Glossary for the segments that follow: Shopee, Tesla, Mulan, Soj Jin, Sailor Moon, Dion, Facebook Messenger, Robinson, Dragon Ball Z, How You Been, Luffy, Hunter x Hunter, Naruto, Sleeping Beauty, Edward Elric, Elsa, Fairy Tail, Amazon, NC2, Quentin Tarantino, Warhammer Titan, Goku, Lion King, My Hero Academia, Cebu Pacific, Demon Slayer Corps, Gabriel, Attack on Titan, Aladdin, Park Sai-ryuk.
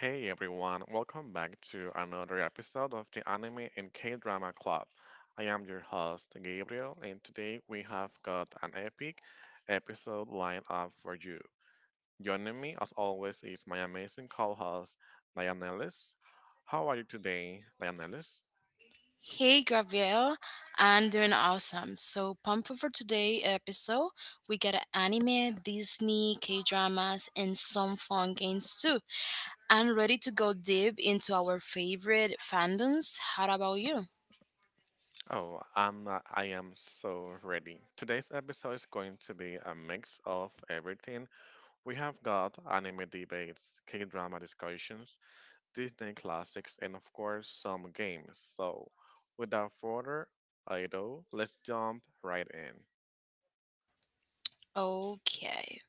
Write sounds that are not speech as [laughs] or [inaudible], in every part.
Hey everyone, welcome back to another episode of the Anime and K Drama Club. I am your host, Gabriel, and today we have got an epic episode lined up for you. Joining me, as always, is my amazing co host, Lionelis. How are you today, Lionelis? Hey Gabriel, I'm doing awesome. So pumped for today's episode. We got anime, Disney, K dramas, and some fun games too. I'm ready to go deep into our favorite fandoms. How about you? Oh, I am so ready. Today's episode is going to be a mix of everything. We have got anime debates, K drama discussions, Disney classics, and of course, some games. So, without further ado, let's jump right in. Okay.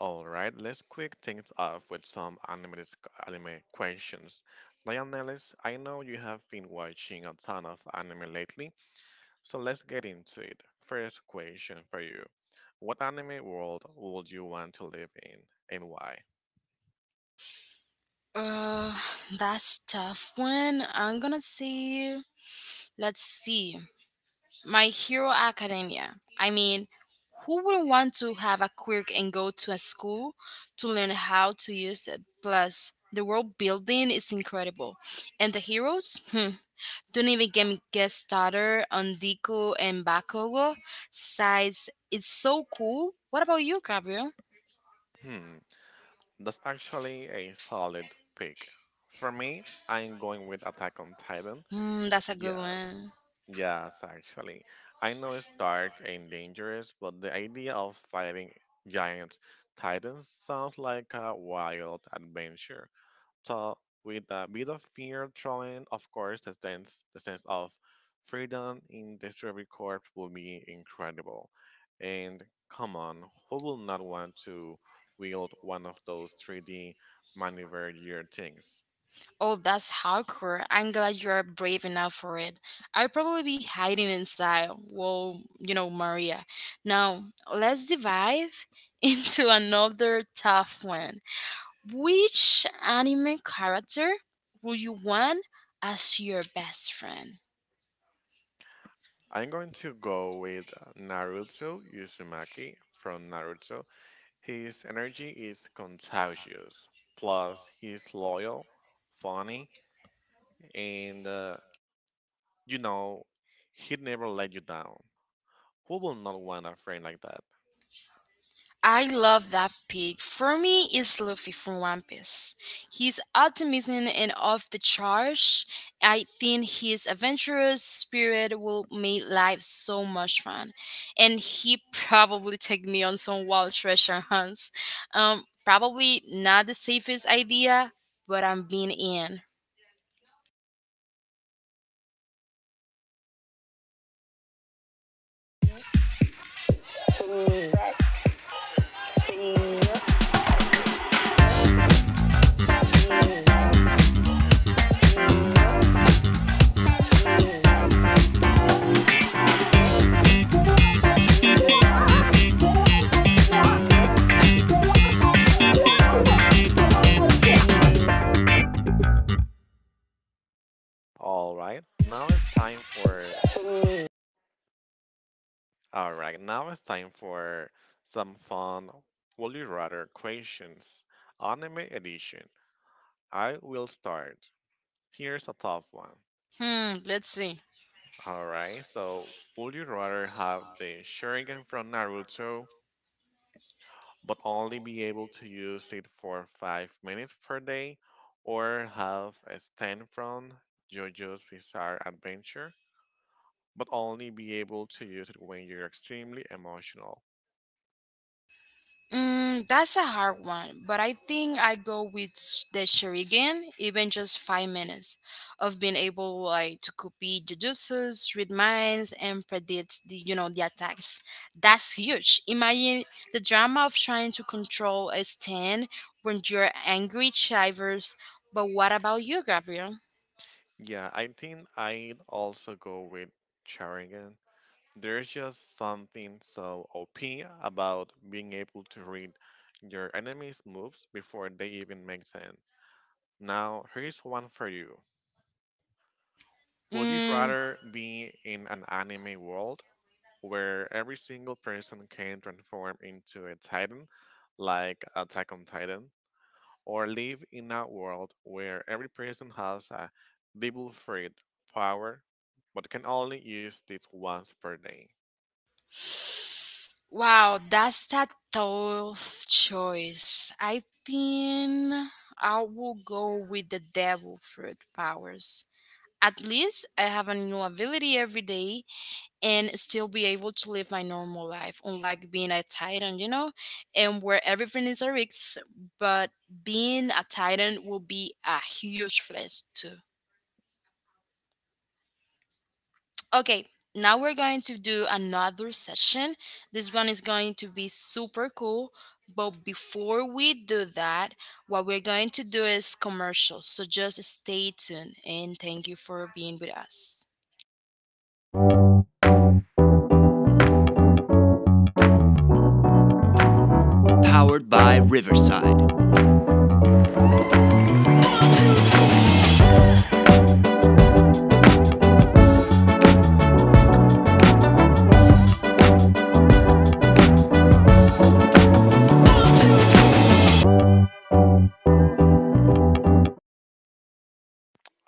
Alright, let's quick things off with some anime questions. Lionelis, I know you have been watching a ton of anime lately, so let's get into it. First question for you. What anime world would you want to live in and why? Uh, [sighs] that's tough one. I'm gonna say. Let's see. My Hero Academia. I mean, who wouldn't want to have a quirk and go to a school to learn how to use it? Plus, the world building is incredible. And the heroes? Hmm. Don't even get started on Deku and Bakugo. Size, it's so cool. What about you, Gabriel? Hmm, that's actually a solid pick. For me, I'm going with Attack on Titan. That's a good Yes. one. Yes, actually. I know it's dark and dangerous, but the idea of fighting giant titans sounds like a wild adventure. So, with a bit of fear thrown in, of course, the sense of freedom in this Discovery Corps will be incredible. And come on, who will not want to wield one of those 3D maneuver gear things? Oh, that's hardcore. I'm glad you're brave enough for it. I'd probably be hiding inside. Well, you know, Maria. Now, let's dive [laughs] into another tough one. Which anime character would you want as your best friend? I'm going to go with Naruto Uzumaki from Naruto. His energy is contagious. Plus, he's loyal, funny, and you know, he'd never let you down. Who will not want a friend like that? I love that pig. For me, it's Luffy from One Piece. He's optimism and off the charge. I think his adventurous spirit will make life so much fun, and he probably take me on some wild treasure hunts. Probably not the safest idea, but I'm being in. All right, now it's time for. All right, now it's time for some fun. Would you rather questions? Anime edition. I will start. Here's a tough one. Hmm. Let's see. All right, so would you rather have the Sharingan from Naruto, but only be able to use it for 5 minutes per day, or have a stand from JoJo's Bizarre Adventure, but only be able to use it when you're extremely emotional? That's a hard one, but I think I go with the shuriken, even just 5 minutes of being able like to copy jujutsus, read minds, and predict the the attacks. That's huge. Imagine the drama of trying to control a stand when you're angry shivers. But what about you, Gabriel? Yeah, I think I'd also go with Sharingan. There's just something so OP about being able to read your enemy's moves before they even make sense. Now, here's one for you. Would you Mm, rather be in an anime world where every single person can transform into a titan, like Attack on Titan, or live in a world where every person has a devil fruit power but can only use this once per day? Wow, that's a tough choice. I think I will go with the devil fruit powers. At least I have a new ability every day and still be able to live my normal life, unlike being a titan, you know, and where everything is a risk. But being a titan will be a huge flex, too. Okay, now we're going to do another session. This one is going to be super cool. But before we do that, what we're going to do is commercials. So just stay tuned and thank you for being with us.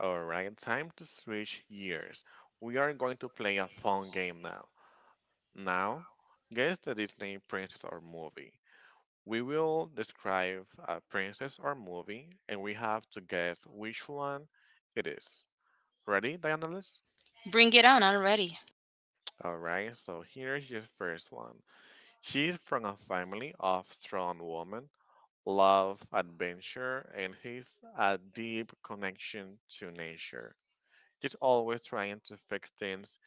Alright, time to switch gears. We are going to play a fun game now. Now, guess the Disney princess or movie. We will describe a princess or movie, and we have to guess which one it is. Ready, Dianalis? Bring it on, I'm ready. All right, so here's your first one. She's from a family of strong women, love, adventure, and has a deep connection to nature. She's always trying to fix things,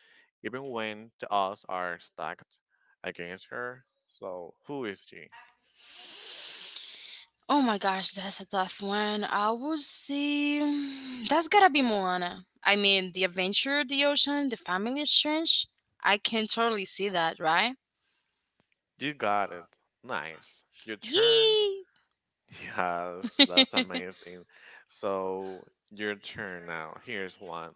even when the odds are stacked against her. So, who is she? Oh my gosh, that's a tough one. I would say [sighs] that's gotta be Moana. I mean, the adventure, the ocean, the family is strange. I can totally see that, right? You got it. Nice. Your turn. Yee! Yes, that's amazing. [laughs] So, your turn now. Here's one.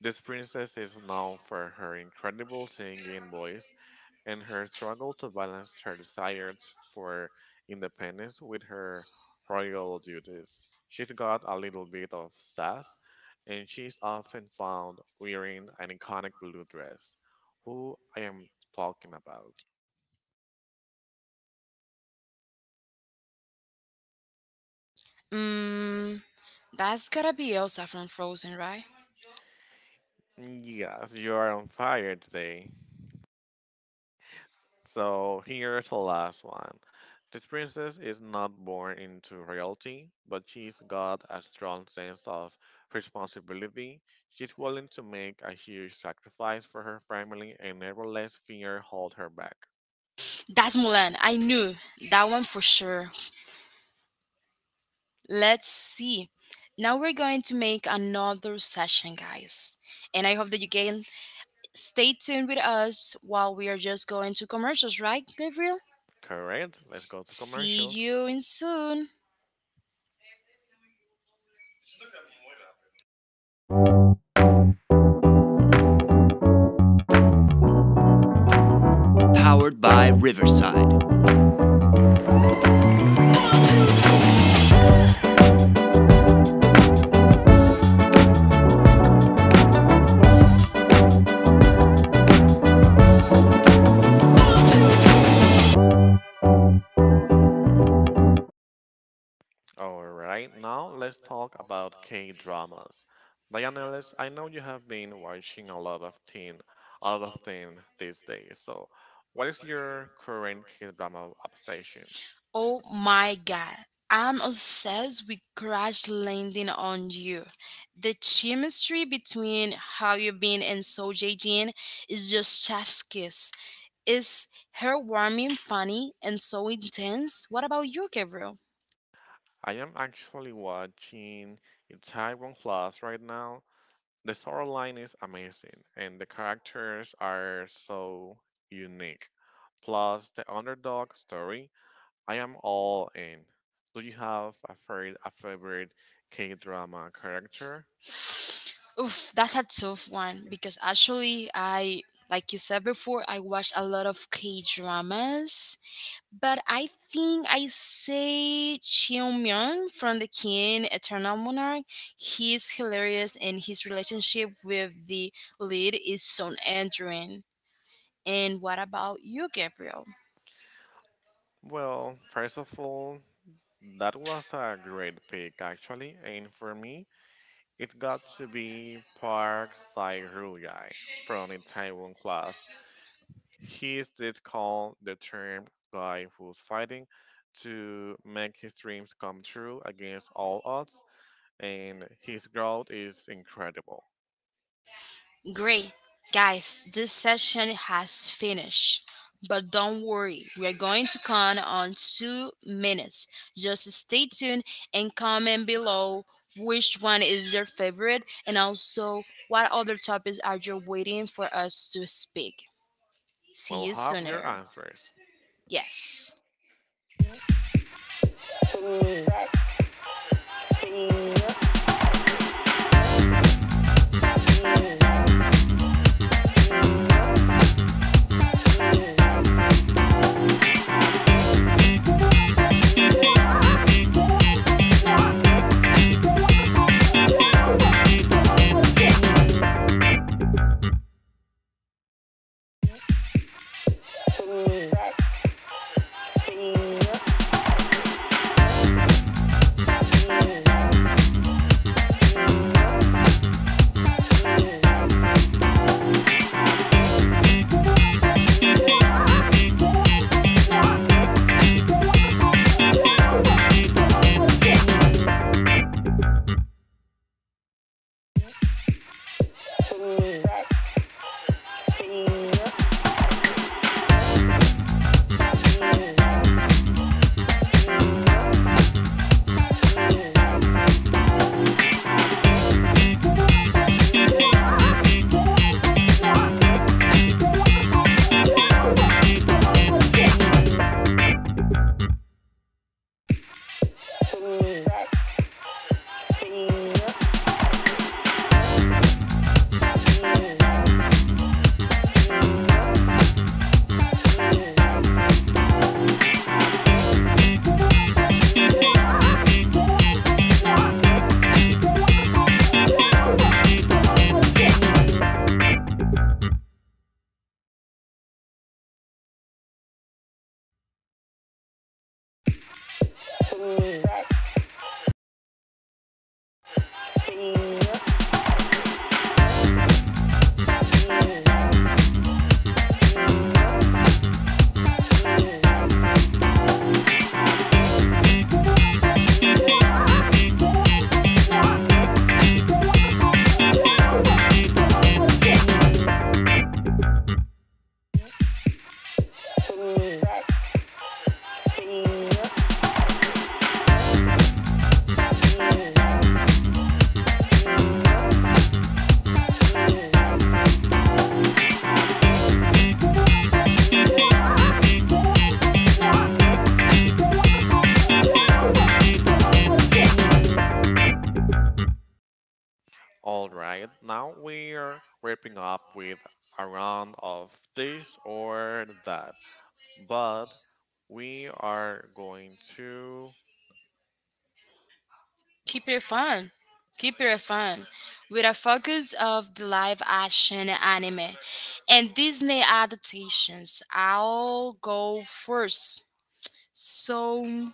This princess is known for her incredible singing voice and her struggle to balance her for independence with her royal duties. She's got a little bit of sass, and she's often found wearing an iconic blue dress. Who I am talking about? Mm, that's gotta be Elsa from Frozen, right? Yes, you are on fire today. So here's the last one. This princess is not born into royalty, but she's got a strong sense of responsibility. She's willing to make a huge sacrifice for her family and never lets fear hold her back. That's Mulan. I knew that one for sure. Let's see. Now we're going to make another session, guys. And I hope that you can stay tuned with us while we are just going to commercials, right, Gabriel? Correct. Let's go to See commercials. you in soon. Alright, now let's talk about K dramas. Dianelis, I know you have been watching a lot of teen these days. So, what is your current K drama obsession? Oh my god. I'm obsessed with crash landing on you. The chemistry between How You Been and Soj Jin is just chef's kiss. It's heartwarming, funny, and so intense. What about you, Gabriel? I am actually watching Itaewon Class right now. The storyline is amazing, and the characters are so unique. Plus, the underdog story, I am all in. Do you have a favorite K-drama character? Oof, that's a tough one because actually I like you said before, I watch a lot of K dramas. But I think I say Cheongmyeon from the King Eternal Monarch. He's hilarious, and his relationship with the lead is so endearing. And what about you, Gabriel? Well, first of all, that was a great pick actually, and for me, it got to be Park Sai-ryuk from Itaewon Class. He did call the term guy who's fighting to make his dreams come true against all odds, and his growth is incredible. Great. Guys, this session has finished. But don't worry, we're going to count on 2 minutes. Just stay tuned and comment below which one is your favorite and also what other topics are you waiting for us to speak. See We'll you have your sooner. answers. Yes. All right, now we are wrapping up with a round of this or that, but we are going to Keep it fun. Keep it fun. With a focus of the live action anime and Disney adaptations, I'll go first. So,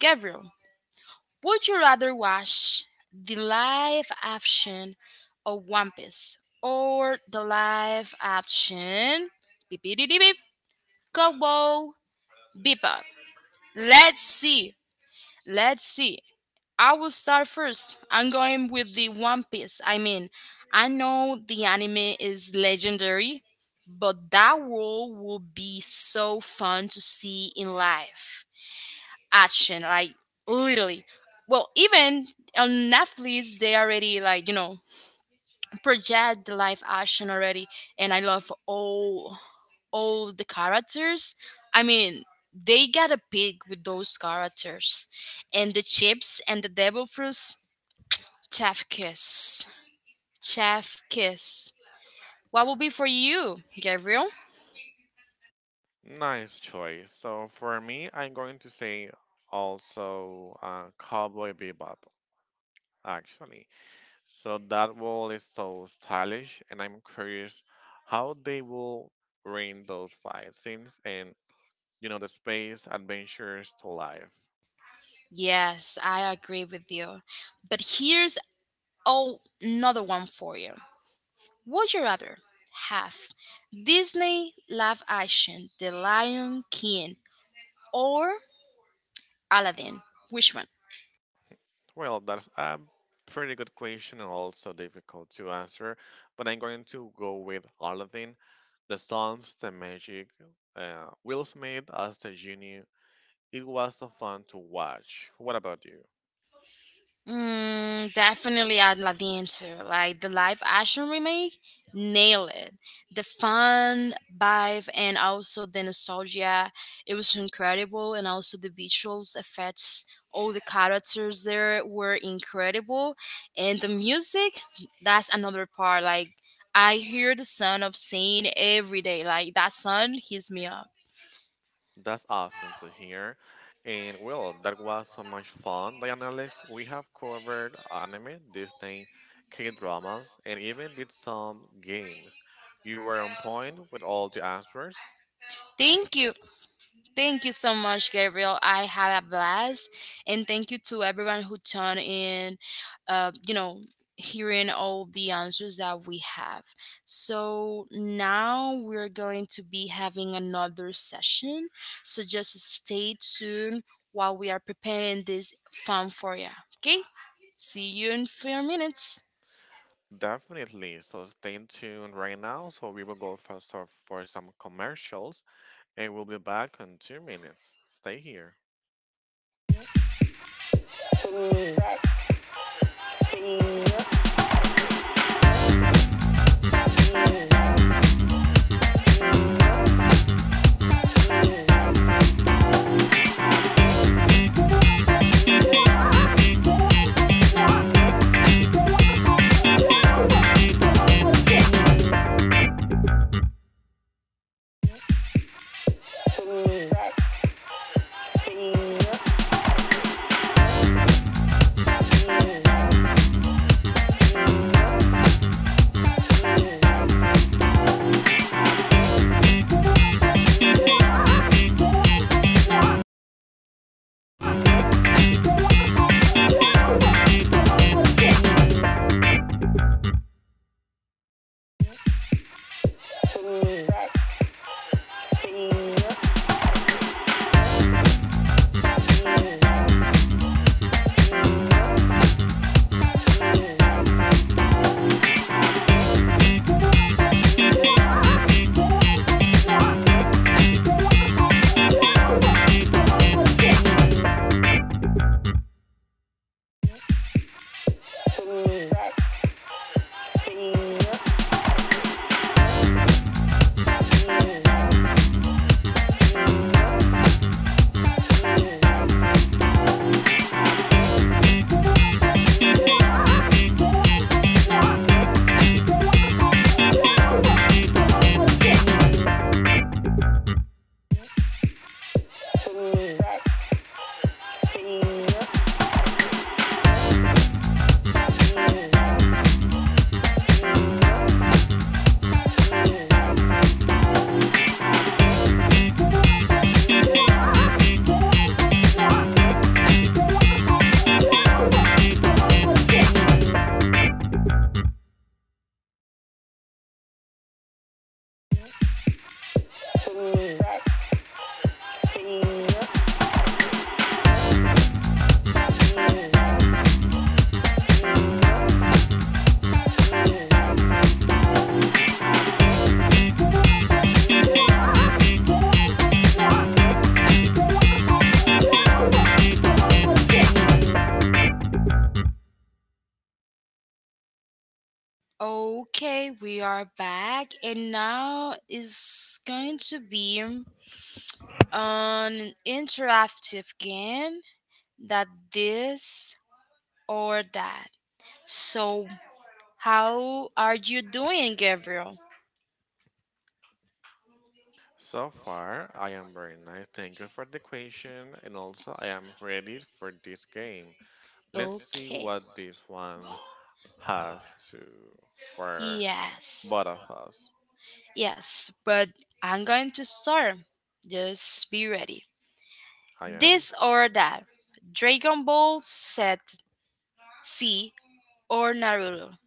Gabriel, would you rather watch the live action of One Piece or the live action beep beep beep beep beep, Cowboy Bebop? Let's see. Let's see. I will start first. I'm going with the One Piece. I mean, I know the anime is legendary, but that world will be so fun to see in life. Action, like literally. Well, even on Netflix, they already like you know project the live action already, and I love all the characters. I mean, they got a pig with those characters, and the chips and the devil fruits. Chef kiss. Chef kiss. What will be for you, Gabriel? nice choice. So for me, I'm going to say also Cowboy Bebop actually. So that wall is so stylish, and I'm curious how they will bring those fight scenes and you know the space adventures to life. Yes, I agree with you. But here's oh, another one for you. Would you rather have Disney live action, The Lion King, or Aladdin? Which one? Well, that's a pretty good question and also difficult to answer, but I'm going to go with Aladdin. The songs, the magic, Will Smith as the genie. It was so fun to watch. What about you? Definitely Ad La Diente. Like the live action remake, nail it. The fun vibe and also the nostalgia, it was incredible. And also the visuals effects, all the characters there were incredible. And the music, that's another part. Like I hear the son of Saint every day. Like that son, heats me up. That's awesome to hear. And well, that was so much fun, Dianalis. We have covered anime, Disney, K dramas, and even did some games. You were on point with all the answers. Thank you. Thank you so much, Gabriel. I had a blast, and thank you to everyone who tuned in. You know, hearing all the answers that we have. So now we're going to be having another session. So just stay tuned while we are preparing this fun for you. Okay. See you in few minutes. Definitely. So stay tuned right now. So we will go for some commercials and we'll be back in 2 minutes. Stay here. Okay, we are back, and now is going to be an interactive game that this or that. So, how are you doing, Gabriel? So far, I am very nice. Thank you for the question, and also I am ready for this game. Let's see Okay. what this one has to for Yes. both of us. Yes, but I'm going to start. Just be ready. I am. This or that. Dragon Ball set C or Naruto.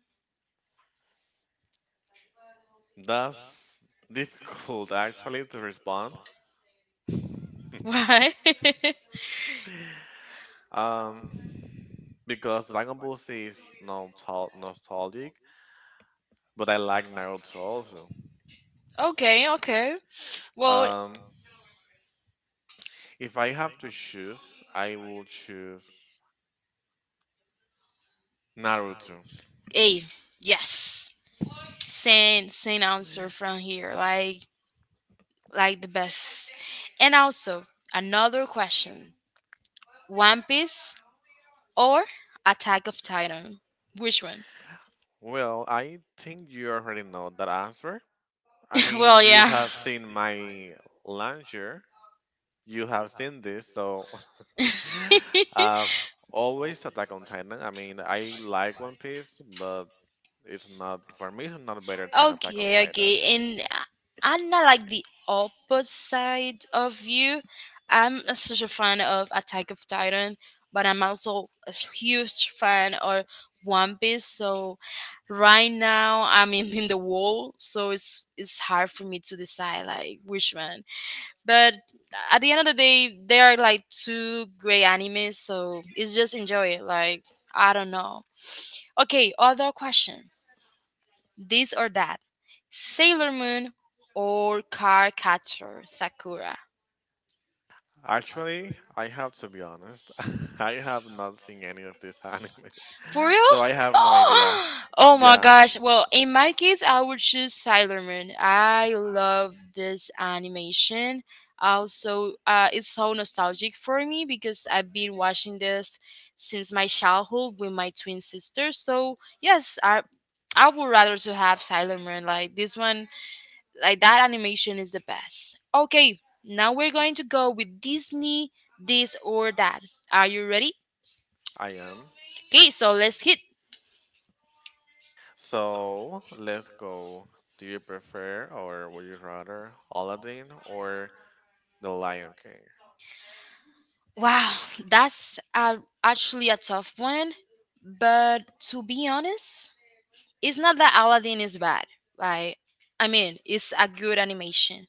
That's [laughs] difficult actually to respond. [laughs] [laughs] Why? Um, because Dragon Ball Z is nostalgic, but I like Naruto also. Okay, okay. Well, Um, if I have to choose, I will choose Naruto. A. Yes. Same answer from here. Like the best. And also, another question: One Piece or Attack of Titan? Which one? Well, I think you already know that answer. I [laughs] mean, well, you yeah. have seen my launcher. You have seen this, so [laughs] uh, always Attack on Titan. I mean, I like One Piece, but it's not for me. It's not better than Attack on Okay, Titan. okay. And I'm not like the opposite of you. I'm a such a fan of Attack of Titan, but I'm also a huge fan of One Piece. So right now I'm [laughs] in the wall, so it's hard for me to decide like which one. But at the end of the day, they are like two great animes, so it's just enjoy it. Like I don't know. Okay, other question: this or that? Sailor Moon or Cardcaptor Sakura? Actually, I have to be honest. [laughs] I have not seen any of this anime, For real? [laughs] so I have no idea. Oh, [gasps] oh my Yeah, gosh. Well, in my case, I would choose Sailor Moon. I love this animation. Also, it's so nostalgic for me because I've been watching this since my childhood with my twin sister. So yes, I would rather to have Sailor Moon. Like this one, like that animation is the best. Okay, now we're going to go with Disney, this or that. Are you ready? I am. Okay, so let's hit. So let's go. Do you prefer or would you rather Aladdin or The Lion King? Wow, that's actually a tough one. But to be honest, it's not that Aladdin is bad. Like, I mean, it's a good animation,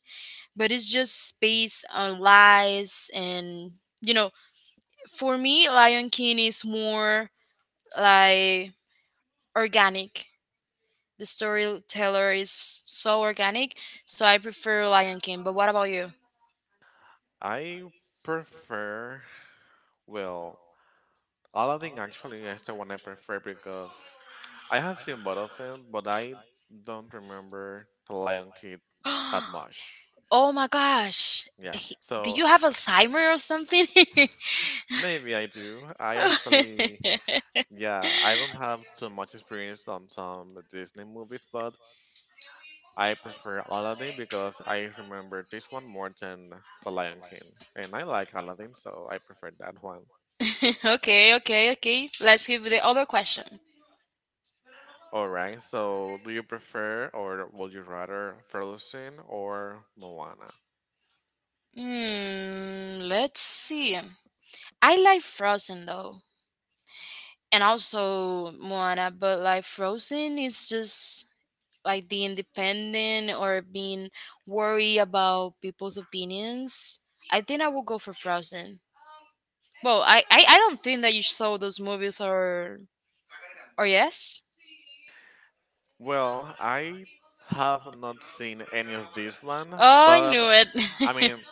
but it's just based on lies and you know. For me, Lion King is more like organic. The storyteller is so organic, so I prefer Lion King. But what about you? I prefer, well, Aladdin actually is the one I prefer because I have seen both of them, but I don't remember The Lion King that much. [gasps] oh my gosh, Yeah, do so you have Alzheimer or something? [laughs] maybe I do. [laughs] Yeah, I don't have too much experience on some Disney movies, but I prefer Aladdin because I remember this one more than The Lion King. And I like Aladdin, so I prefer that one. okay, okay, okay. Let's give the other question. Alright, so do you prefer or would you rather Frozen or Moana? Let's see. I like Frozen though, and also Moana, but like Frozen is just like the independent or being worried about people's opinions. I think I will go for Frozen. Well, I don't think that you saw those movies or yes? Well, I have not seen any of this one, Oh, I but knew I it. mean,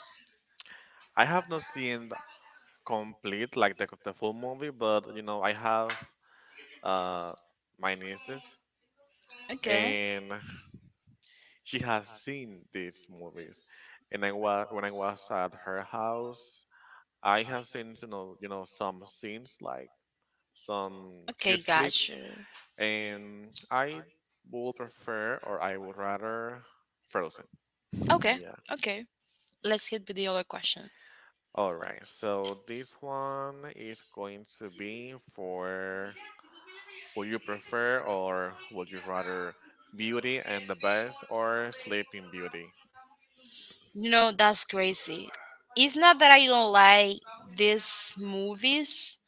I have not seen the complete, like the full movie, but you know, I have uh, my nieces [laughs] okay. and she has seen these movies and I was when I was at her house I have seen you know some scenes like some Okay, cute clips, gotcha. and I would prefer or I would rather Frozen. [laughs] Okay, Yeah. okay. Let's hit with the other question. All right, so this one is going to be for would you prefer or would you rather Beauty and the Beast or Sleeping Beauty? You know, that's crazy. It's not that I don't like these movies,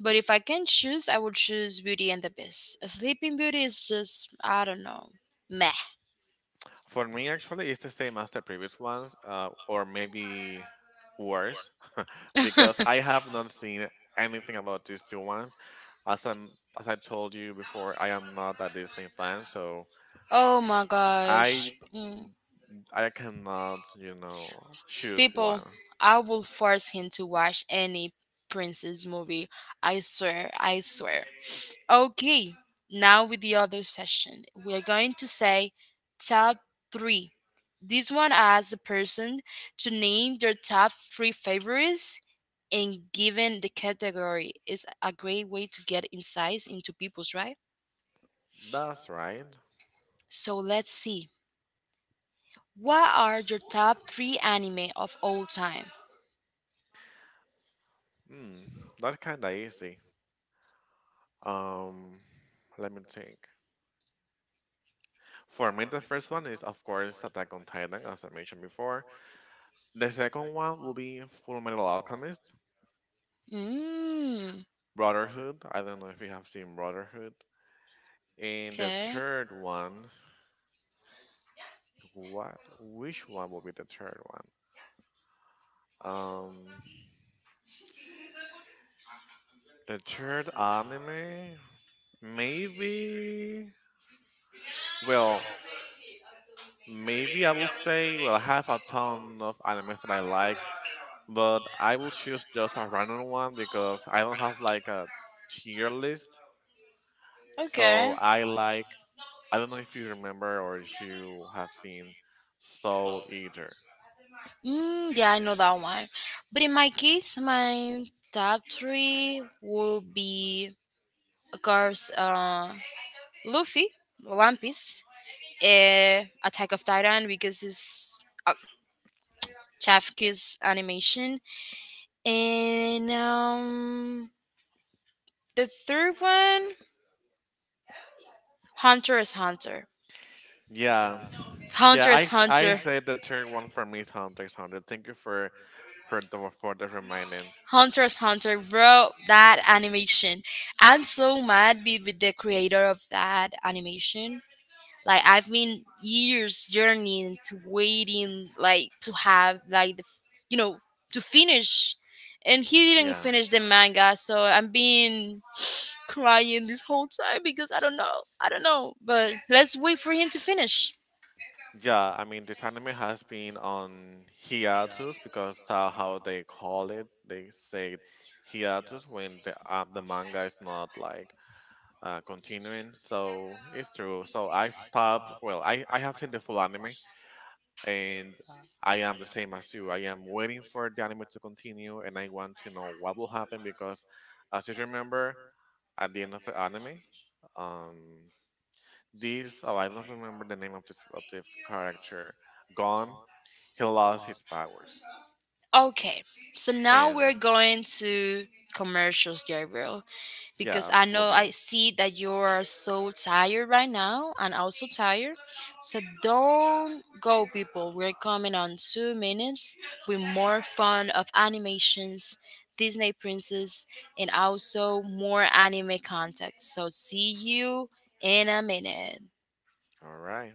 but if I can choose, I would choose Beauty and the Beast. Sleeping Beauty is just, I don't know, meh. For me, actually, it's the same as the previous ones, or maybe worse, because [laughs] I have not seen anything about these two ones. As I'm, as I told you before, I am not a Disney fan, so Oh my I gosh. Mm. I cannot, you know, choose People, one. I will force him to watch any princess movie. I swear, I swear. Okay, now with the other session, we are going to say top three. This one asks the person to name their top three favorites and given the category is a great way to get insights into people's right. That's right. So let's see. What are your top three anime of all time? Hmm, that's kind of easy. Um, let me think. For me, the first one is, of course, Attack on Titan, as I mentioned before. The second one will be Full Metal Alchemist Mm, Brotherhood. I don't know if you have seen Brotherhood. And the okay. third one, what? Which one will be the third one? Um, the third anime, maybe. Well, maybe I will say. Well, I have a ton of animes that I like, but I will choose just a random one because I don't have like a tier list. So Okay. I like I don't know if you remember or if you have seen Soul Eater. Yeah, I know that one. But in my case, my top three will be, of course, Luffy, One Piece, Attack of Titan because it's uh, Chafki's animation, and the third one, Hunter is Hunter. Yeah. Hunter Yeah, is I Hunter. said the third one for me is Hunter x Hunter. Thank you for the reminding. Hunter is Hunter, bro. That animation. I'm so mad. Be with the creator of that animation. Like I've been years journeying to waiting like to have like you know to finish, and he didn't Yeah. finish the manga, so I'm being [sighs] [sniffs] crying this whole time because I don't know. I don't know. But let's wait for him to finish. Yeah, I mean this anime has been on hiatus because that's how they call it. They say hiatus when the manga is not like continuing. So it's true. So I stopped. Well, I have seen the full anime, and I am the same as you. I am waiting for the anime to continue, and I want to know what will happen because, as you remember, at the end of the anime, um, this oh, I don't remember the name of this character. Gone. He lost his powers, Okay. So now and we're going to commercials, Gabriel. Because yes, I will know I be see that you are so tired right now and also tired. So don't go, people. We're coming on 2 minutes with more fun of animations, Disney Princess, and also more anime content. So see you in a minute. all right.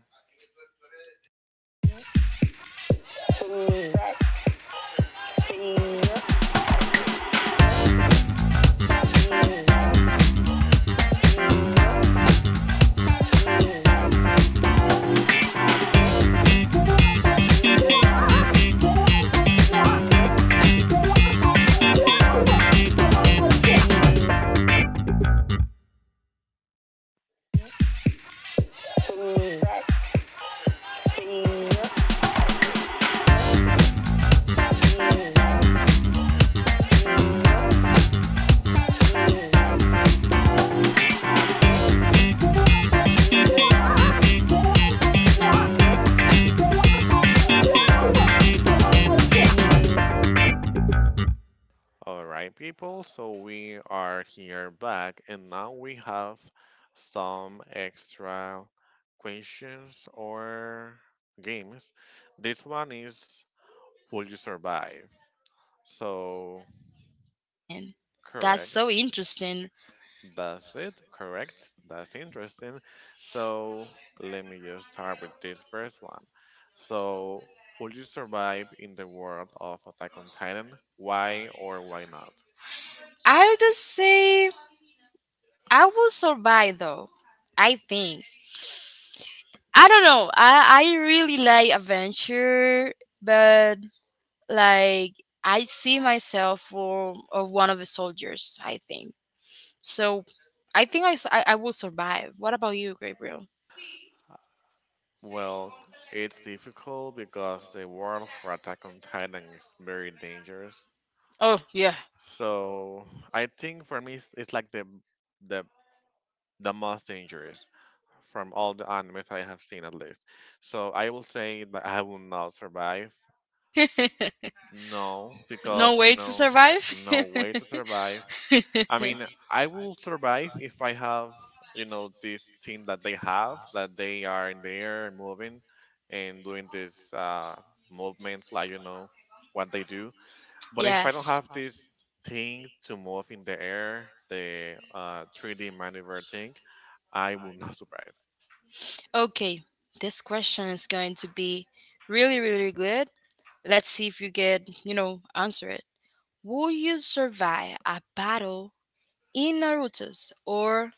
All right, people, so we are here back, and now we have some extra questions or games. This one is Will You Survive? So, And that's correct. so interesting. That's it. Correct. That's interesting. So, let me just start with this first one. So, will you survive in the world of Attack on Titan? Why or why not? I would say I will survive though. I think. I don't know. I really like adventure, but like I see myself for of one of the soldiers. I think so. I think I will survive. What about you, Gabriel? Well, it's difficult because the world for Attack on Titan is very dangerous. Oh yeah. So I think for me, it's like the the most dangerous from all the animes I have seen at least. So I will say that I will not survive. [laughs] No, no because way to survive. no [laughs] way to survive. I mean, I will survive if I have, this team that they have, that they are in there and moving and doing this movements, like, what they do. But if I don't yes. have this thing to move in the air, the 3D maneuver thing, I will not [laughs] survive. Okay, this question is going to be really, really good. Let's see if you get, answer it. Will you survive a battle in Naruto's or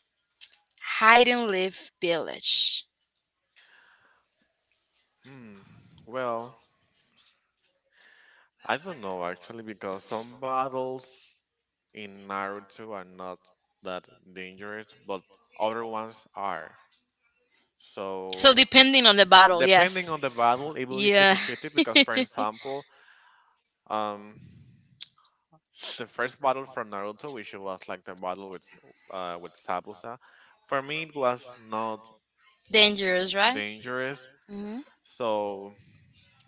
hide and live village? Hmm. Well, I don't know actually because some battles in Naruto are not that dangerous, but other ones are. So So depending on the battle, depending yes. on the battle, it will be Yeah. fifty-fifty. Because for [laughs] example, um the first battle from Naruto, which was like the battle with Sabusa, for me it was not Dangerous, right? dangerous. Mm-hmm. So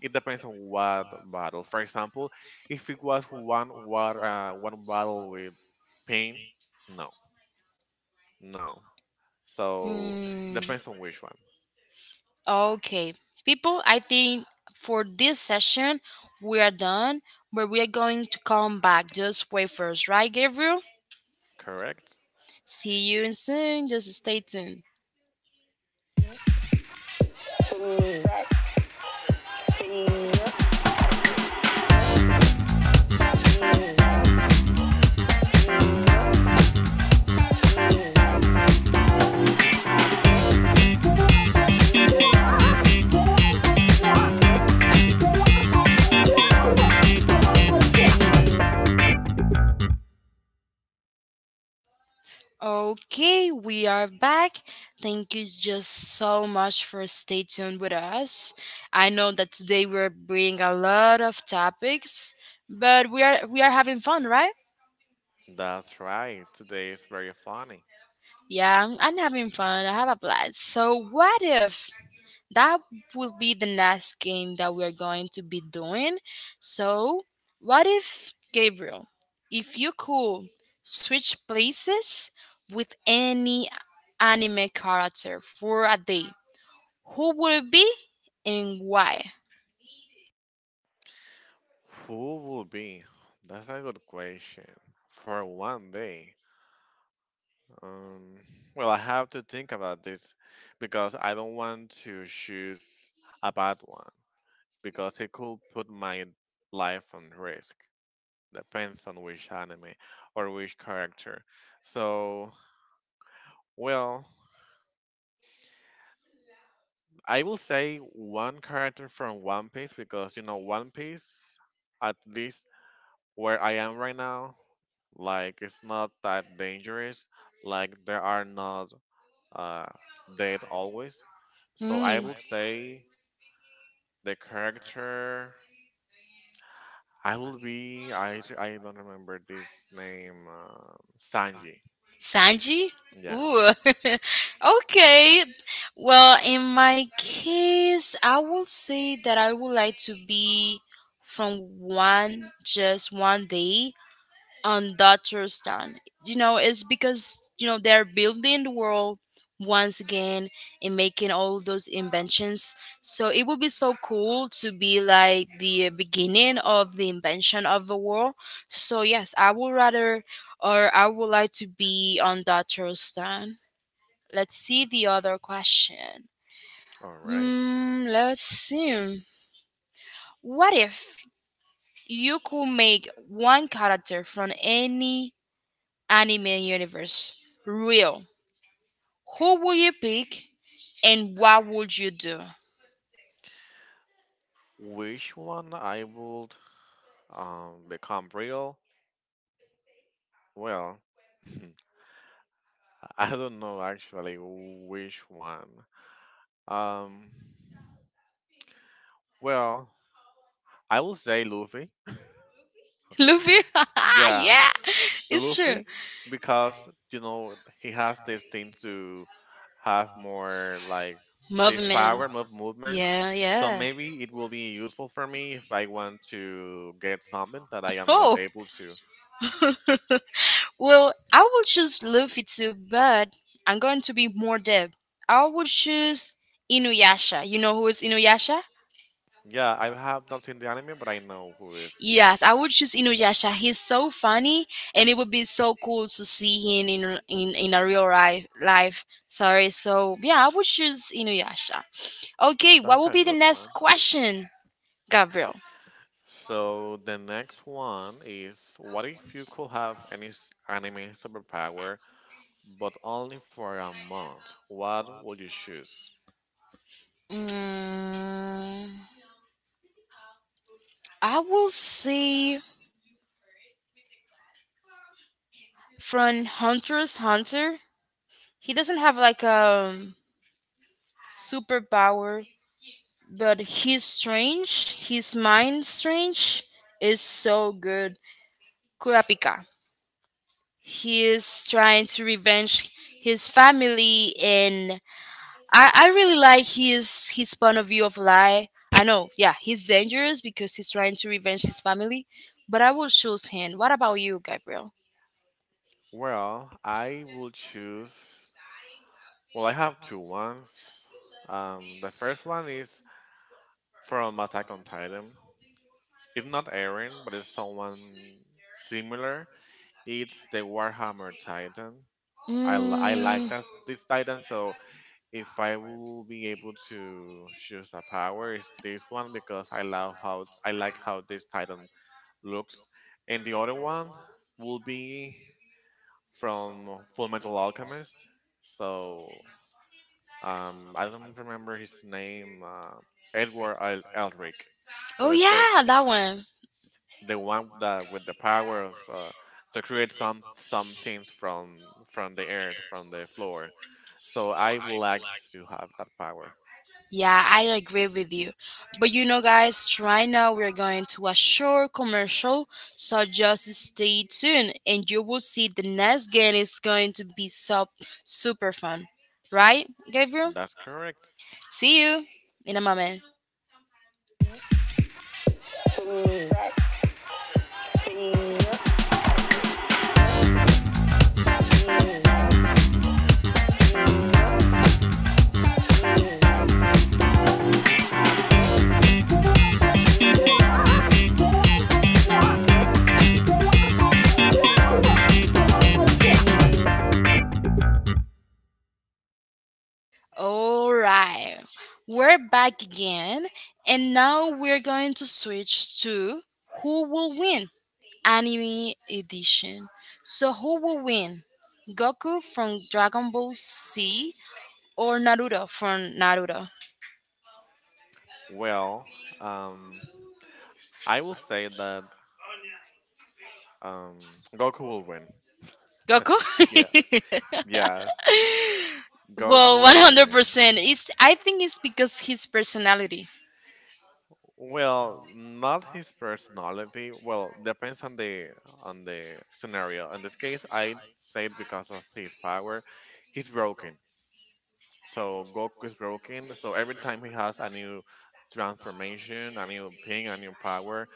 it depends on what battle. For example, if it was one war, one battle with Pain? No. No. So Hmm. depends on which one. Okay, people, I think for this session we are done, but we are going to come back. Just wait first, right, Gabriel? Correct? See you soon. Just stay tuned. Okay, we are back. Thank you just so much for stay tuned with us. I know that today we're bringing a lot of topics, but we are having fun, right? That's right. Today is very funny. Yeah, I'm having fun. I have a blast. So what if that will be the next game that we're going to be doing? So, what if, Gabriel, if you could switch places with any anime character for a day, who would it be and why? Who will be? That's a good question. For one day. Um, well, I have to think about this because I don't want to choose a bad one because it could put my life on risk. Depends on which anime or which character. So, well, I will say one character from One Piece because you know One Piece, at least where I am right now, like it's not that dangerous. Like there are not uh dead always. So I Hmm, will say the character I will be I don't remember this name, Sanji. Sanji? Yeah. Ooh, [laughs] okay. Well, in my case, I will say that I would like to be from one just one day on Daterstan. You know, it's because you know they're building the world once again and making all those inventions. So it would be so cool to be like the beginning of the invention of the world. So yes, I would rather or I would like to be on Daterstan. Let's see the other question. All right. Hmm, let's see. What if you could make one character from any anime universe real? Who would you pick and what would you do? Which one I will become real? Well, [laughs] I don't know actually which one. Um, well, I will say Luffy. [laughs] Luffy? [laughs] Yeah, Yeah, it's true. Luffy, because you know he has this thing to have more like this Movie Man. power movement. Yeah, So yeah. maybe it will be useful for me if I want to get something that I am not Oh, able to. [laughs] well, I will choose Luffy too, but I'm going to be more deep. I will choose Inuyasha. You know who is Inuyasha? Yeah, I have not seen the anime, but I know who is. Yes, I would choose Inuyasha. He's so funny, and it would be so cool to see him in in a real life. Life, sorry. So yeah, I would choose Inuyasha. Okay, what That's will a be the good next one. question, Gabriel? So the next one is what if you could have any anime superpower but only for a month? What would you choose? Mm, I will say from Hunter's Hunter. He doesn't have like a superpower, but he's strange. His mind strange is so good. Kurapika. He is trying to revenge his family, and I really like his point of view of life. I know, yeah, he's dangerous because he's trying to revenge his family, but I will choose him. What about you, Gabriel? Well, I will choose, well, I have two ones. The first one is from Attack on Titan. It's not Eren, but it's someone similar. It's the Warhammer Titan. I like Mm, that this Titan, so if I will be able to choose a power, is this one because I love how I like how this Titan looks, and the other one will be from Full Metal Alchemist. So I don't remember his name, Edward Elric. oh So it's the yeah, that one. the one that with the power of, to create some things from the earth from the floor. So I would like to have that power. Yeah, I agree with you. But you know, guys, right now we're going to a short commercial, so just stay tuned and you will see the next game is going to be so super fun. Right, Gabriel? That's correct. See you in a moment. All right, we're back again, and now we're going to switch to who will win, anime edition. So, who will win? Goku from Dragon Ball Z or Naruto from Naruto? Well, um, I will say that um, Goku will win. Goku. Yes, yes, [laughs] Well, Goku one will hundred win. percent. It's I think it's because his personality. Well, not his personality. Well, depends on the scenario. In this case, I say it because of his power. He's broken. So Goku is broken. So every time he has a new transformation, a new thing, a new power.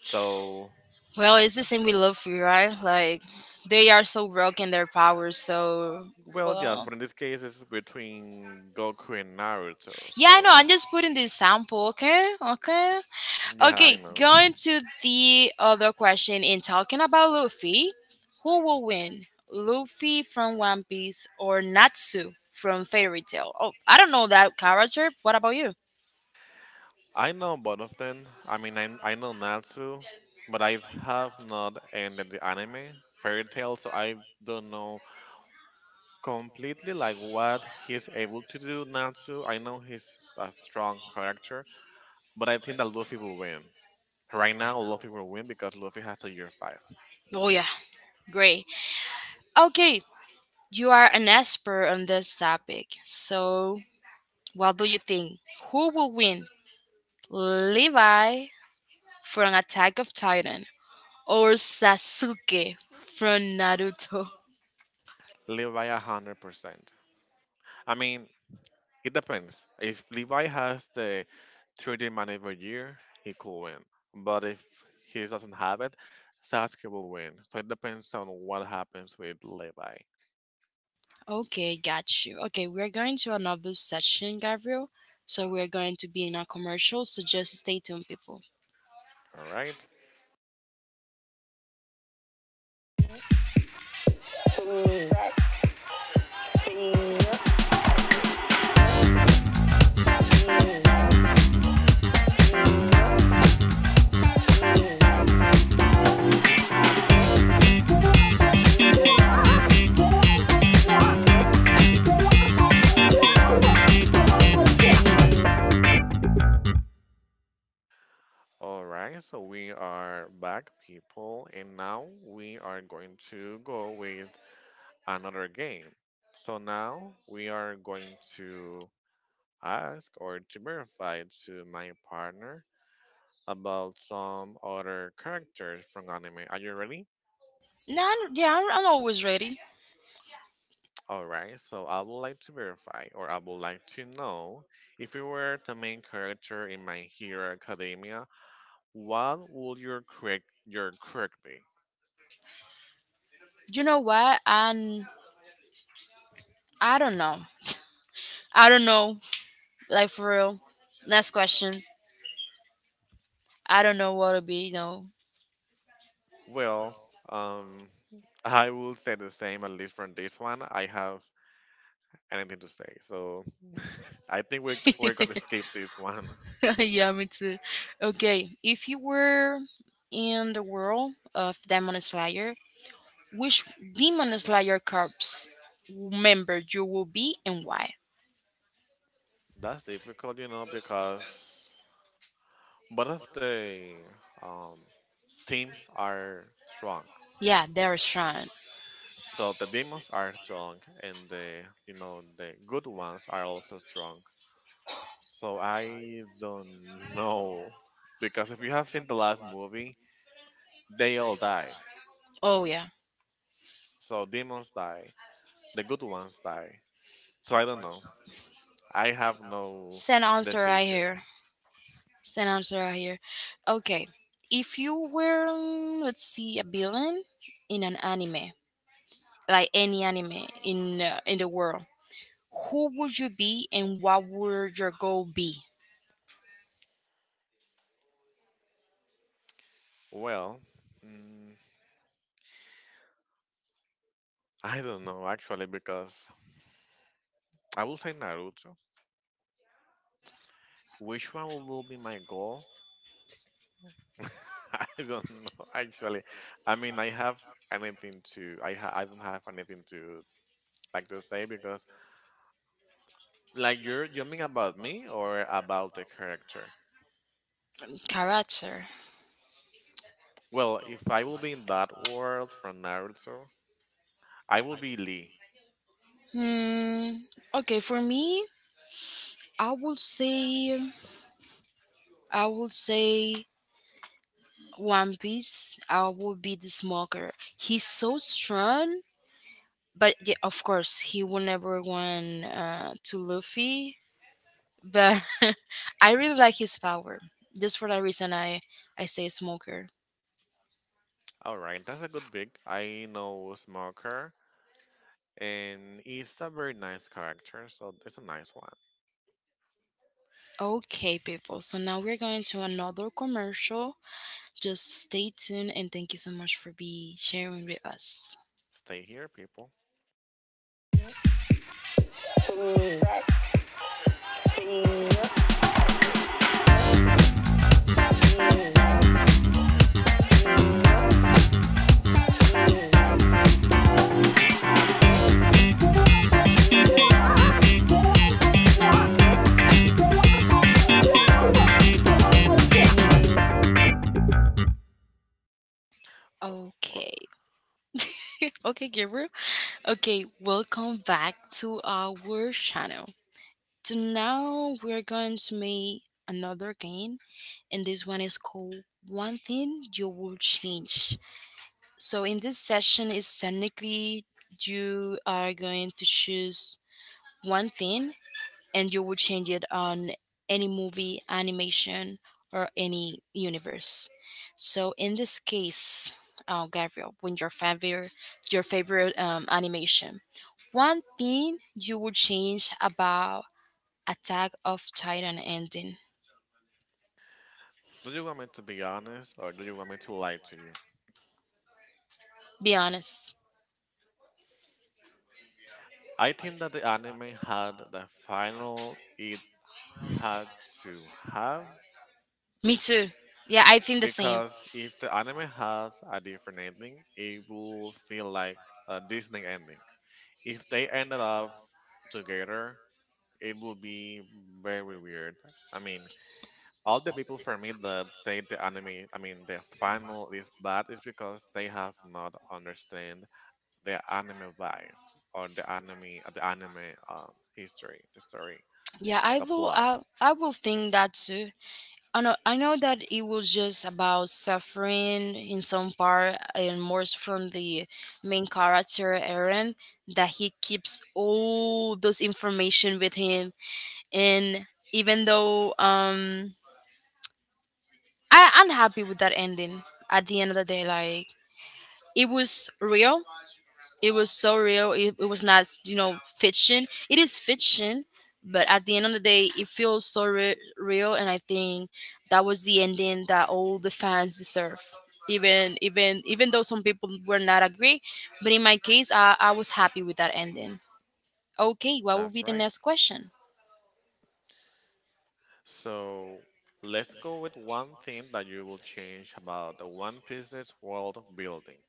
So, Well, it's the same with Luffy, right? Like they are so broken their powers, so well, yes, well, but in this case, it's between Goku and Naruto. yeah, no, So, I'm just putting this sample, okay? Okay. yeah, I Okay, know. going to the other question, in talking about Luffy, who will win? Luffy from One Piece or Natsu from Fairy Tail? Oh, I don't know that character. What about you? I know both of them. I mean, I know Natsu, but I have not ended the anime Fairy Tail, so I don't know completely like what he's able to do. Natsu, I know he's a strong character, but I think that Luffy will win. Right now, Luffy will win because Luffy has a year five. Oh yeah. Great. Okay, you are an expert on this topic. So, what do you think? Who will win? Levi from Attack of Titan or Sasuke from Naruto? Levi 100%. I mean, it depends. If Levi has the 3D every year, he could win. But if he doesn't have it, Sasuke will win. So it depends on what happens with Levi. Okay, got you. Okay, we're going to another session, Gabriel. So we're going to be in a commercial. So just stay tuned, people. Alright? Alright, so we are back, people, and now we are going to go with another game. So now we are going to ask or to verify to my partner about some other characters from anime. Are you ready? No, yeah, I'm always ready. All right, so I would like to verify, or I would like to know, if you were the main character in My Hero Academia, what would your quirk be? You know what? And I don't know. I don't know. Like for real. Next question. I don't know what it'll be. No. Well, um, I will say the same at least from this one. I have anything to say, so I think we're gonna skip this one. [laughs] Yeah, me too. Okay, if you were in the world of Demon Slayer, which Demon Slayer Corps member you will be and why? [laughs] That's difficult, because both of the um teams are strong. Yeah, they're strong. So the demons are strong, and the you know the good ones are also strong. So I don't know because if you have seen the last movie, they all die. Oh yeah. So demons die, the good ones die. So I don't know. I have no Same answer right decision. here. Same answer right here. Okay. If you were let's see, a villain in an anime, like any anime in the world, who would you be and what would your goal be? Well, mm, I don't know actually because I will say Naruto. Which one will be my goal? [laughs] I don't know actually. I mean, I don't have anything to like to say because like you mean about me or about the character? Character. Well, if I will be in that world from Naruto, I will be Lee. Hmm. Okay, for me, I would say I would say One Piece, I will be the smoker. He's so strong, but yeah, of course, he will never win to Luffy. But [laughs] I really like his power. Just for that reason, I say smoker. All right, that's a good pick. I know Smoker, and he's a very nice character, so it's a nice one. Okay, people. So now we're going to another commercial. Just stay tuned and thank you so much for be sharing with us. Stay here, people. Or Okay. [laughs] Okay, Gabriel. Okay, welcome back to our channel. So now we're going to make another game, and this one is called One Thing You Will Change. So in this session, is technically you are going to choose one thing and you will change it on any movie, animation, or any universe. So in this case, Gabriel, when your favorite animation, one thing you would change about Attack of Titan ending. do you want me to be honest, or do you want me to lie to you? Be honest. I think that the anime had the final it had to have Me too. Yeah, I think the same. because if the anime has a different ending, it will feel like a Disney ending. If they ended up together, it will be very weird. I mean, all the people for me that say the anime, I mean, the final is bad is because they have not understand the anime vibe or the anime um, history, the story. Yeah, I The will. plot. I will think that too. I know. I know that it was just about suffering in some part, and more so from the main character Aaron, that he keeps all those information with him, and even though I'm happy with that ending. At the end of the day, like it was real it was so real. It was not, you know, fiction. It is fiction, but at the end of the day, it feels so real, and I think that was the ending that all the fans deserve. Even though some people were not agree, but in my case, I was happy with that ending. Okay, what will That's be the right. next question? So let's go with one thing that you will change about the One Piece's world building.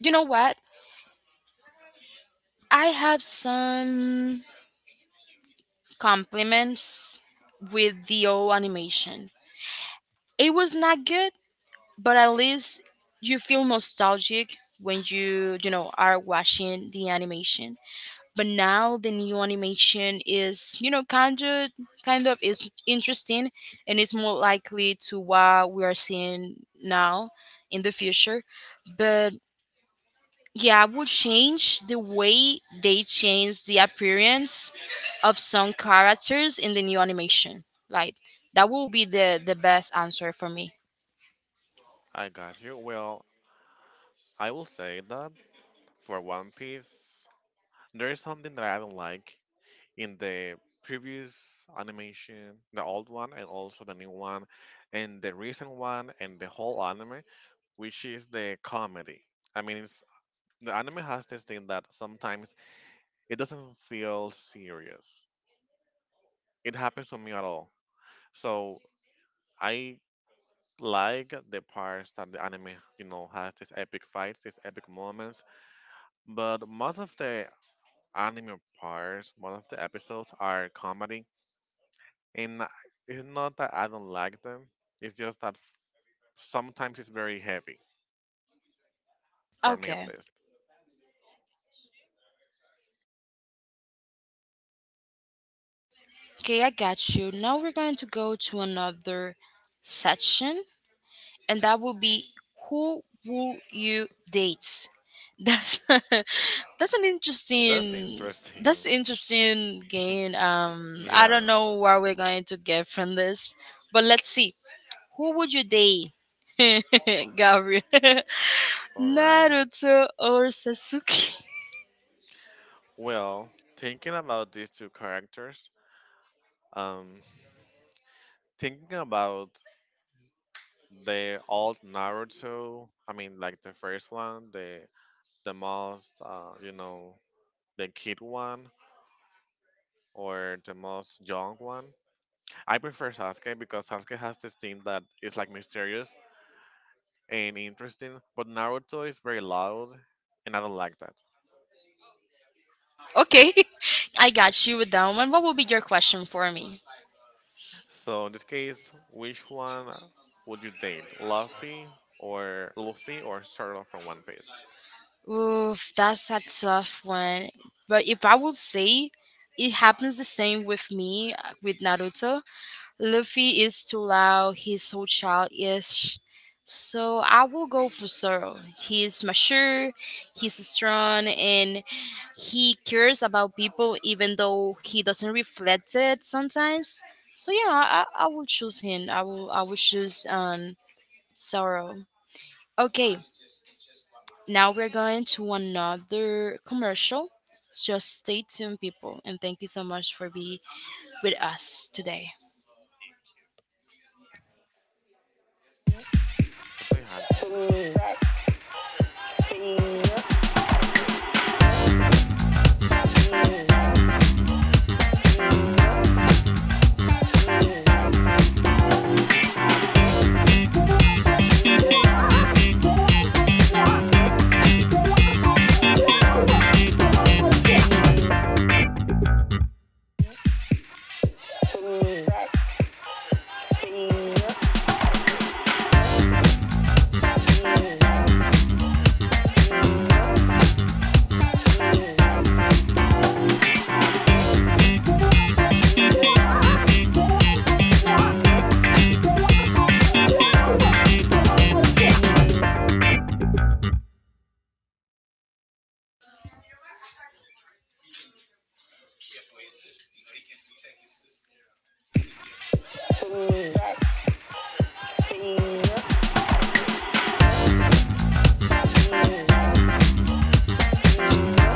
You know what? I have some compliments with the old animation. It was not good, but at least you feel nostalgic when you know are watching the animation, but now the new animation is you know kind of is interesting and is more likely to what we are seeing now in the future. But yeah, I would change the way they change the appearance of some characters in the new animation. Like that will be the best answer for me. I got you. Well, I will say that for One Piece, there is something that I don't like in the previous animation, the old one and also the new one, and the recent one and the whole anime, which is the comedy. I mean, the anime has this thing that sometimes it doesn't feel serious. It happens to me at all. So I like the parts that the anime, has these epic fights, these epic moments. But most of the anime parts, most of the episodes are comedy, and it's not that I don't like them. It's just that sometimes it's very heavy for me, at Okay. least. Okay, I got you. Now we're going to go to another section, and that will be who will you date? That's [laughs] that's an That's interesting interesting. that's [laughs] interesting game. I Yeah. don't know what we're going to get from this, but let's see. Who would you date, [laughs] Gabriel? [laughs] All right. Naruto or Sasuke? [laughs] Well, thinking about these two characters, um, thinking about the old Naruto. I mean, like the first one, the most the kid one or the most young one. I prefer Sasuke because Sasuke has this thing that is like mysterious and interesting, but Naruto is very loud, and I don't like that. Okay, [laughs] I got you with that one. What will be your question for me? So in this case, which one would you date, Luffy or Zoro from One Piece? Oof, that's a tough one. But if I would say, it happens the same with me with Naruto. Luffy is too loud, he's so childish. So I will go for Zoro. He's mature, he's strong, and he cares about people even though he doesn't reflect it sometimes. So yeah, I will choose him. I will choose Zoro. Okay, now we're going to another commercial. Just stay tuned, people, and thank you so much for being with us today.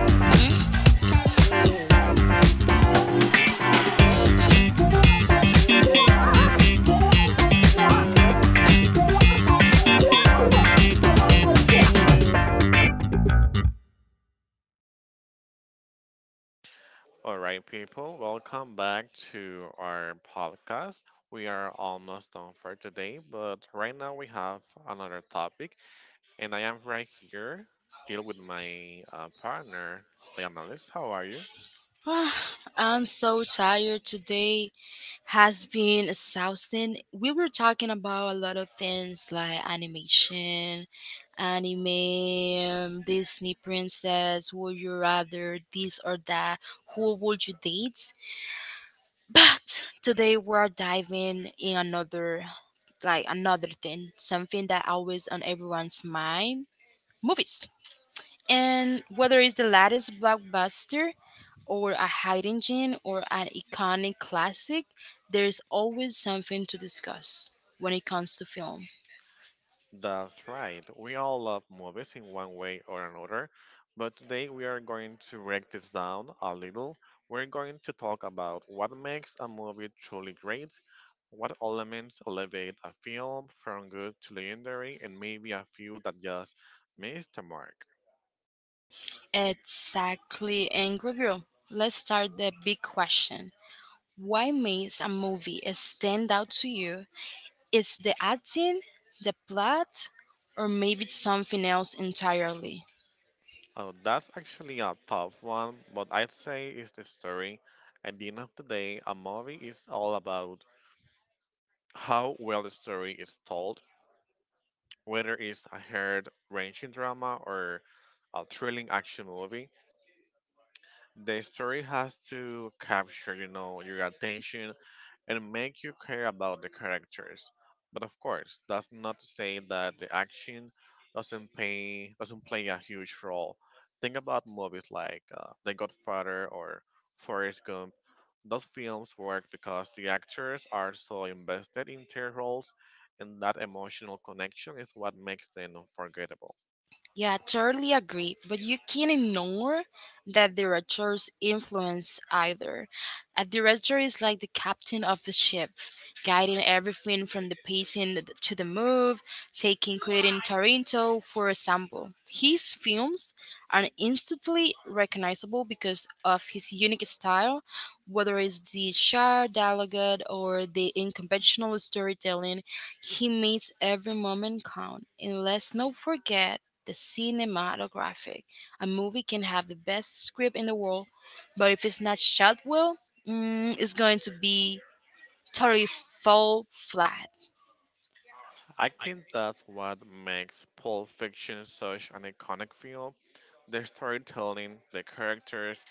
Hmm? All right, people, welcome back to our podcast. We are almost done for today, but right now we have another topic, and I am right here still with my partner, the analyst. How are you? [sighs] I'm so tired today. Has been exhausting. We were talking about a lot of things like animation, anime, Disney princess. Would you rather this or that? Who would you date? But today we're diving in another like another thing, something that always on everyone's mind, movies. And whether it's the latest blockbuster or a hidden gem or an iconic classic, there's always something to discuss when it comes to film. That's right. We all love movies in one way or another, but today we are going to break this down a little. We're going to talk about what makes a movie truly great, what elements elevate a film from good to legendary, and maybe a few that just missed the mark. Exactly, and Gabriel, let's start the big question. Why makes a movie stand out to you? Is the acting, the plot, or maybe it's something else entirely? Oh, that's actually a tough one, but I'd say it's the story. At the end of the day, a movie is all about how well the story is told whether it's a hard-ranging drama or a thrilling action movie. The story has to capture, your attention and make you care about the characters. But of course, that's not to say that the action doesn't play a huge role. Think about movies like The Godfather or Forrest Gump. Those films work because the actors are so invested in their roles, and that emotional connection is what makes them unforgettable. Yeah, I totally agree. But you can't ignore that director's influence either. A director is like the captain of the ship, guiding everything from the pacing to the move, taking Quentin Tarantino, for example. His films are instantly recognizable because of his unique style. Whether it's the sharp dialogue or the unconventional storytelling, he makes every moment count. And let's not forget the cinematographic. A movie can have the best script in the world, but if it's not shot well, it's going to be totally fall flat. I think that's what makes Pulp Fiction such an iconic film. The storytelling, the characters,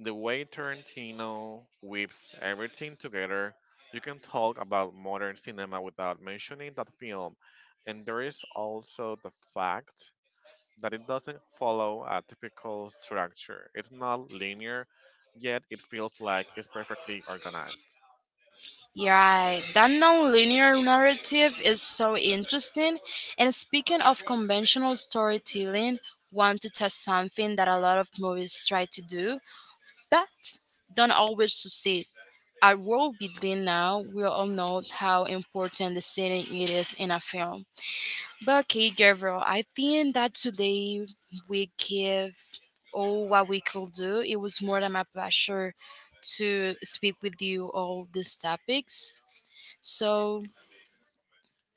the way Tarantino weaves everything together. You can talk about modern cinema without mentioning that film. And there is also the fact that it doesn't follow a typical structure. It's not linear, yet it feels like it's perfectly organized. Yeah, right. That non-linear narrative is so interesting. And speaking of conventional storytelling, want to touch something that a lot of movies try to do, but don't always succeed, our world building. Now, we all know how important the setting it is in a film. But okay, Gabriel, I think that today we give all what we could do. It was more than my pleasure to speak with you all these topics. So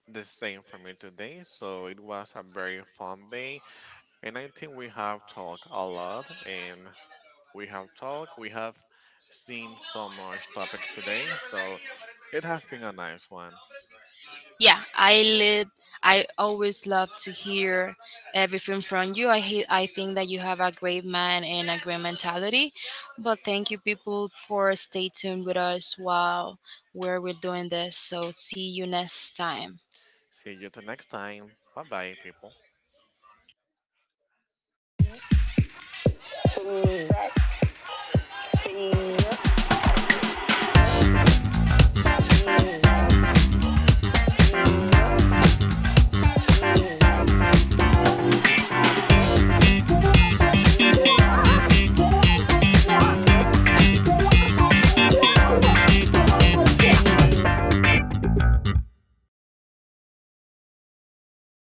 The same for me today, so it was a very fun day. And I think we have talked a lot and we have seen so much topics today. So it has been a nice one. yeah, I lit. I always love to hear everything from you. I hate, I think that you have a great mind and a great mentality. But thank you, people, for stay tuned with us while where we're doing this. So see you next time. See you the next time. Bye bye, people.